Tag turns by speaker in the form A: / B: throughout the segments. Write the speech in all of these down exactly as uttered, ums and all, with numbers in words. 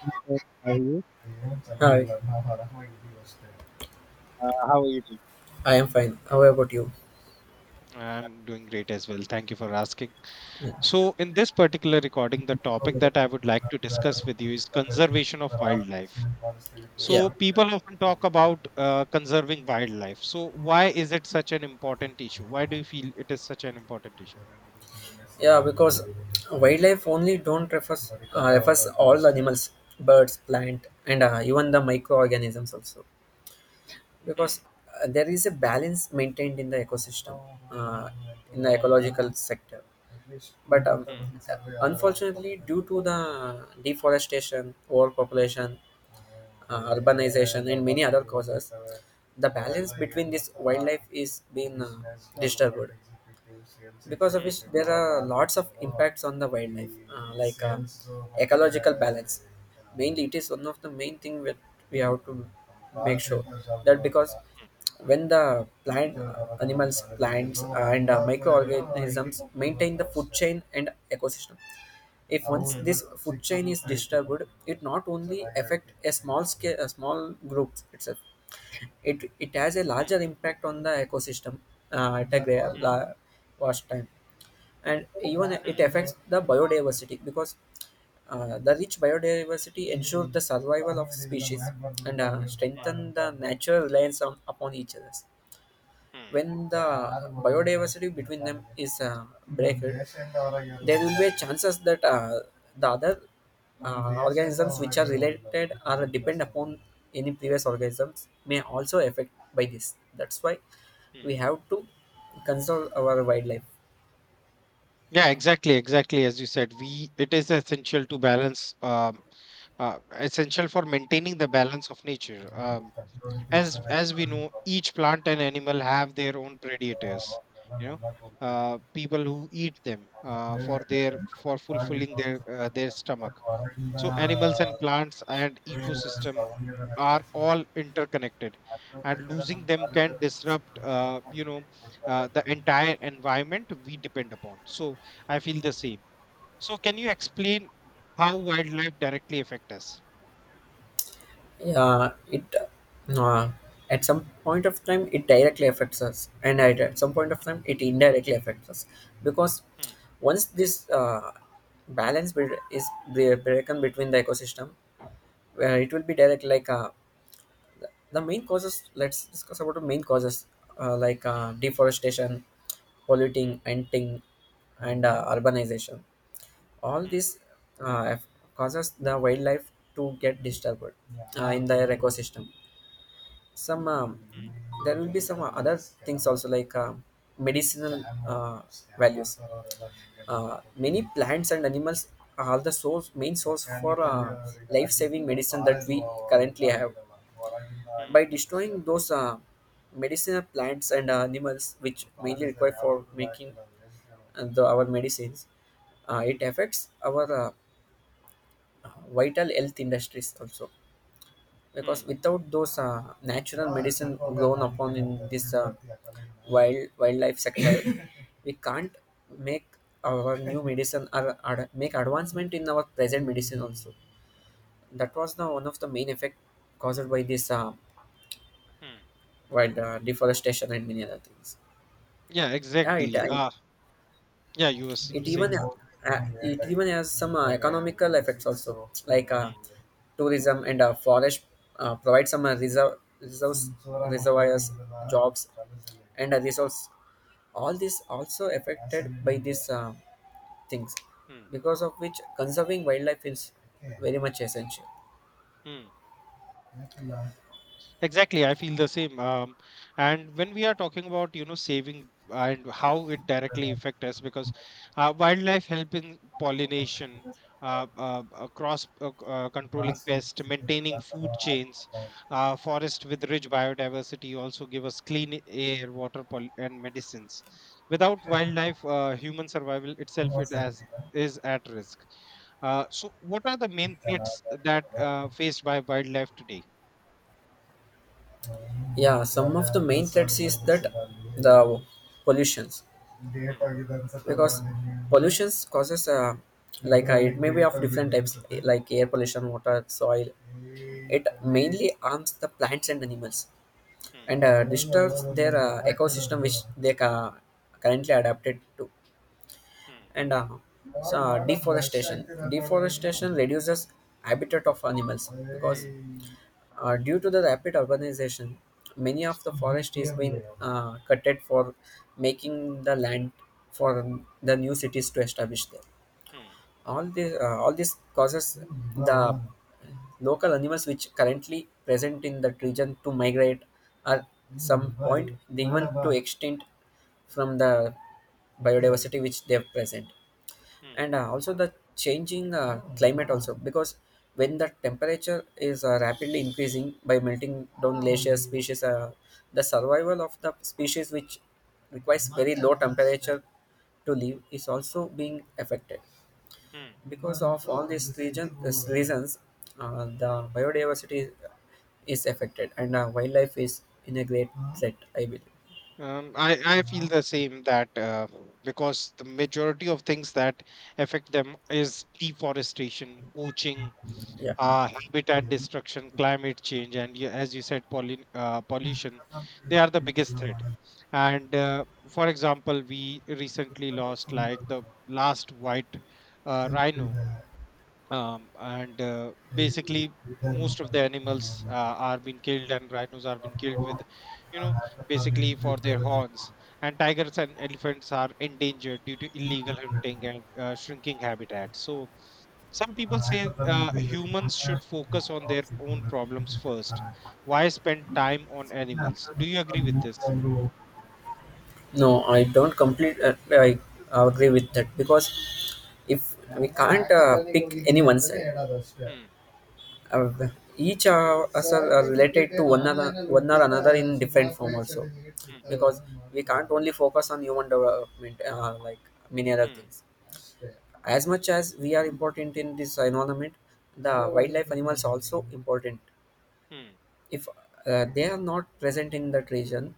A: Yes. How are you?
B: Hi,
A: Uh, how are you doing?
B: I am fine. How about you?
A: I'm doing great as well. Thank you for asking.
B: Mm.
A: So, in this particular recording, the topic that I would like to discuss with you is conservation of wildlife. So,
B: Yeah,
A: people often talk about uh, conserving wildlife. So, why is it such an important issue? Why do you feel it is such an important issue?
B: yeah. Because wildlife only don't refers uh, refers all the animals, birds, plant, and uh, even the microorganisms also. Because
A: Hmm.
B: uh, there is a balance maintained in the ecosystem, uh, in the
A: Hmm.
B: ecological sector. But um, unfortunately, due to the deforestation, overpopulation, uh, urbanization, and many other causes, the balance between this wildlife is being uh, disturbed. Because of which
A: Hmm.
B: there are lots of impacts on the wildlife, uh, like uh, ecological balance. Mainly, it is one of the main thing that we have to make sure that because
A: Hmm.
B: when the plant, uh, animals, plants, uh, and uh, microorganisms maintain the food chain and ecosystem, if once
A: Hmm.
B: this food chain is disturbed, it not only affect a small scale, a small group itself. It it has a
A: Hmm.
B: larger impact on the ecosystem uh, at a gra-
A: Hmm. Hmm.
B: la- vast time, and even it
A: Hmm.
B: affects the biodiversity because uh, the rich biodiversity ensures the survival of species and uh, strengthen the natural reliance on, upon each other.
A: Hmm. Hmm.
B: When the biodiversity between them is uh, breaked, there will be chances that uh, the other uh, organisms which are related or depend upon any previous organisms may also affect by this. That's why
A: Hmm.
B: we have to conserve our wildlife.
A: Yeah, exactly, exactly. As you said, we it is essential to balance, um, uh, essential for maintaining the balance of nature. Um, as as we know, each plant and animal have their own predators. You know, uh, people who eat them uh, for their for fulfilling their uh, their stomach. So animals and plants and ecosystem are all interconnected, and losing them can disrupt, uh, you know, uh, the entire environment we depend upon. So I feel the same. So can you explain how wildlife directly affect us?
B: Yeah, it uh, at some point of time it directly affects us, and at, at some point of time it indirectly affects us because
A: Hmm.
B: once this uh, balance be- is bre- broken between the ecosystem, uh, it will be direct like uh, the main causes. Let's discuss about the main causes uh, like
A: Hmm.
B: uh, deforestation,
A: Hmm.
B: polluting, hunting, and uh, urbanization. All
A: Hmm.
B: this uh, aff- causes the wildlife to get disturbed uh, in their ecosystem. Some um, There will be some uh, other things also like uh, medicinal uh, values. Uh, many
A: Hmm.
B: plants and animals are the source main source for uh, life-saving medicine that we currently have.
A: Hmm.
B: By
A: Hmm.
B: destroying those uh, medicinal plants and uh, animals which mainly required for making uh, the, our medicines, uh, it affects our uh, vital health industries also, because
A: Hmm.
B: without those uh, natural medicine blown upon in this uh, wild wildlife sector, we can't make our new medicine, or, or make advancement in our present medicine also. That was the one of the main effect caused by this uh,
A: Hmm.
B: wild uh, deforestation and many other things.
A: Yeah,
B: Yeah, it,
A: exactly.
B: uh,
A: Uh, yeah, you were s-
B: it
A: saying
B: even
A: something.
B: uh, it even has some uh, economical effects also like uh,
A: Hmm.
B: tourism, and uh, forest uh, provide some uh, reserve reserves reservoirs, jobs, and uh,
A: Hmm.
B: resource. All this also affected by these uh, things,
A: Hmm.
B: because of which conserving wildlife is very much essential.
A: Hmm. Exactly, I feel the same. Um, and when we are talking about, you know, saving and how it directly affect us, because uh, wildlife help in pollination, uh, uh, uh, cross uh, c- uh, controlling pests, maintaining food chains, uh, forest with rich biodiversity also give us clean air, water, pol- and medicines. Without wildlife, uh, human survival itself it as is at risk. Uh, so, what are the main threats that uh, faced by wildlife today?
B: Yeah, some of the main threats is that the pollutions,
A: Hmm.
B: because pollutions causes uh, like uh, it may be of different types like air pollution, water, soil. It mainly harms the plants and animals
A: Hmm.
B: and uh, disturbs their uh, ecosystem which they ca- currently adapted to.
A: Hmm.
B: And uh, so uh, deforestation
A: Hmm.
B: deforestation reduces habitat of animals, because
A: Hmm.
B: uh, due to the rapid urbanization, many of the forest is being uh, cutted for making the land for the new cities to establish there.
A: Hmm.
B: All this, uh, all this causes the local animals which currently present in that region to migrate. At some point they even to extinct from the biodiversity which they have present.
A: Hmm.
B: And uh, also the changing uh, climate also, because when the temperature is uh, rapidly increasing by melting down glaciers, species uh, the survival of the species which requires very low temperature to live is also being affected.
A: Hmm.
B: Because of all these region, these reasons, uh, the biodiversity is affected and uh, wildlife is in a great threat, I believe.
A: Um, I, I feel the same that uh, because the majority of things that affect them is deforestation, poaching,
B: Yeah,
A: uh, habitat destruction, climate change, and yeah, as you said, pollin uh, pollution. They are the biggest threat. And uh, for example, we recently lost like the last white uh, rhino. Um, and uh, basically most of the animals uh, are being killed, and rhinos are being killed with, you know, basically for their horns. And tigers and elephants are endangered due to illegal hunting and uh, shrinking habitat. So some people say uh, humans should focus on their own problems first. Why spend time on animals? Do you agree with this?
B: no I don't complete uh, I agree with that, because if we can't uh, pick any one side,
A: Hmm.
B: uh, each uh, us are are related to one another, one or another in different form also,
A: Hmm.
B: because we can't only focus on human development uh, like many other
A: Hmm.
B: things. As much as we are important in this environment, the wildlife animals also important.
A: Hmm.
B: If uh, they are not present in that region,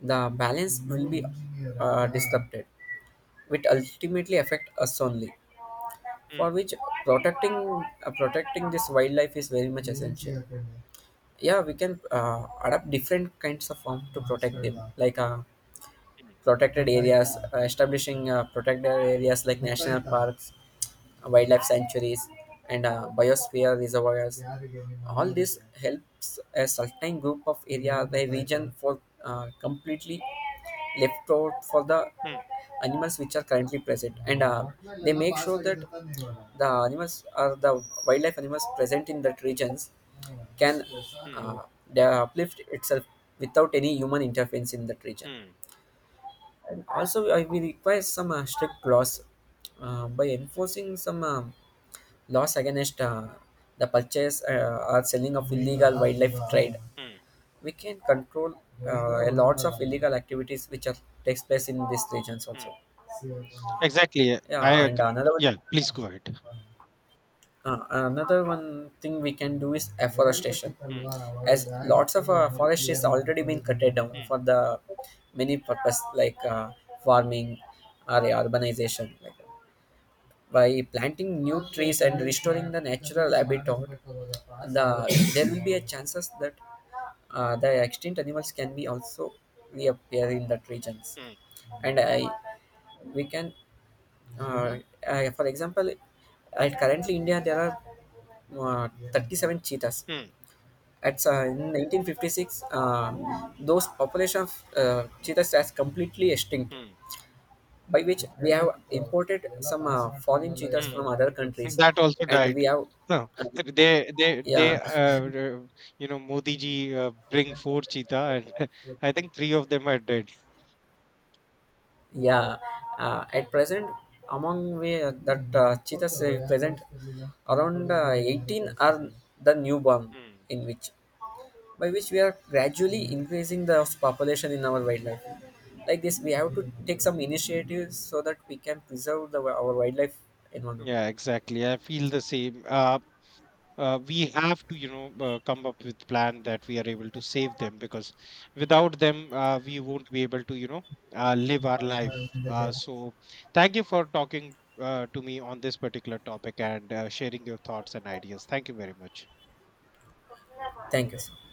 B: the balance will be uh, disrupted, which ultimately affect us only. For
A: Hmm.
B: which, protecting uh, protecting this wildlife is very much essential. Yeah, we can uh, adopt different kinds of form to protect them, like uh,
A: Hmm.
B: protected areas. Uh, establishing uh, protected areas like national parks, wildlife sanctuaries, and uh, biosphere reservoirs. All this helps a certain group of area, the region, for uh, completely left out for the
A: Hmm.
B: animals which are currently present, and uh, they make sure that the animals are the wildlife animals present in that regions can
A: Hmm.
B: uh, they uplift itself without any human interference in that region.
A: Hmm.
B: And also, I we require some uh, strict laws uh, by enforcing some. um laws against uh, the purchase uh, or selling of illegal wildlife trade.
A: Hmm.
B: We can control uh, lots of illegal activities which are takes place in these regions
A: Hmm.
B: also.
A: Exactly. Yeah, I
B: Yeah, and
A: agree.
B: another one,
A: Yeah, please go ahead.
B: uh, another one thing we can do is afforestation,
A: Hmm.
B: as lots of uh, forest is already been cutted down
A: Hmm.
B: for the many purpose like uh, farming or urbanization like that. By planting new trees and restoring the natural habitat, the there will be a chances that uh, the extinct animals can be also reappear in that regions.
A: Hmm.
B: And i we can, uh, uh, for example, at currently India there are uh, thirty-seven cheetahs.
A: Hmm.
B: At uh, in nineteen fifty-six, um, those population of uh, cheetahs has completely extinct,
A: Hmm.
B: by which we have imported some uh, foreign cheetahs
A: Hmm.
B: from other countries,
A: That also
B: and we
A: died.
B: have
A: No,
B: uh,
A: th- they they
B: yeah.
A: they uh, uh, you know, Modi ji uh, bring four cheetah and I think three of them are dead.
B: Yeah, uh, at present, among we uh, that uh, cheetahs uh, present, around uh, eighteen are the newborn,
A: Hmm.
B: in which by which we are gradually increasing the population in our wildlife. Like this, we have to take some initiatives so that we can preserve the, our wildlife environment.
A: Yeah, exactly. I feel the same. Uh, uh, we have to, you know, uh, come up with plan that we are able to save them, because without them uh, we won't be able to, you know uh, live our life. Uh, so thank you for talking uh, to me on this particular topic, and uh, sharing your thoughts and ideas. Thank you very much.
B: Thank you, sir.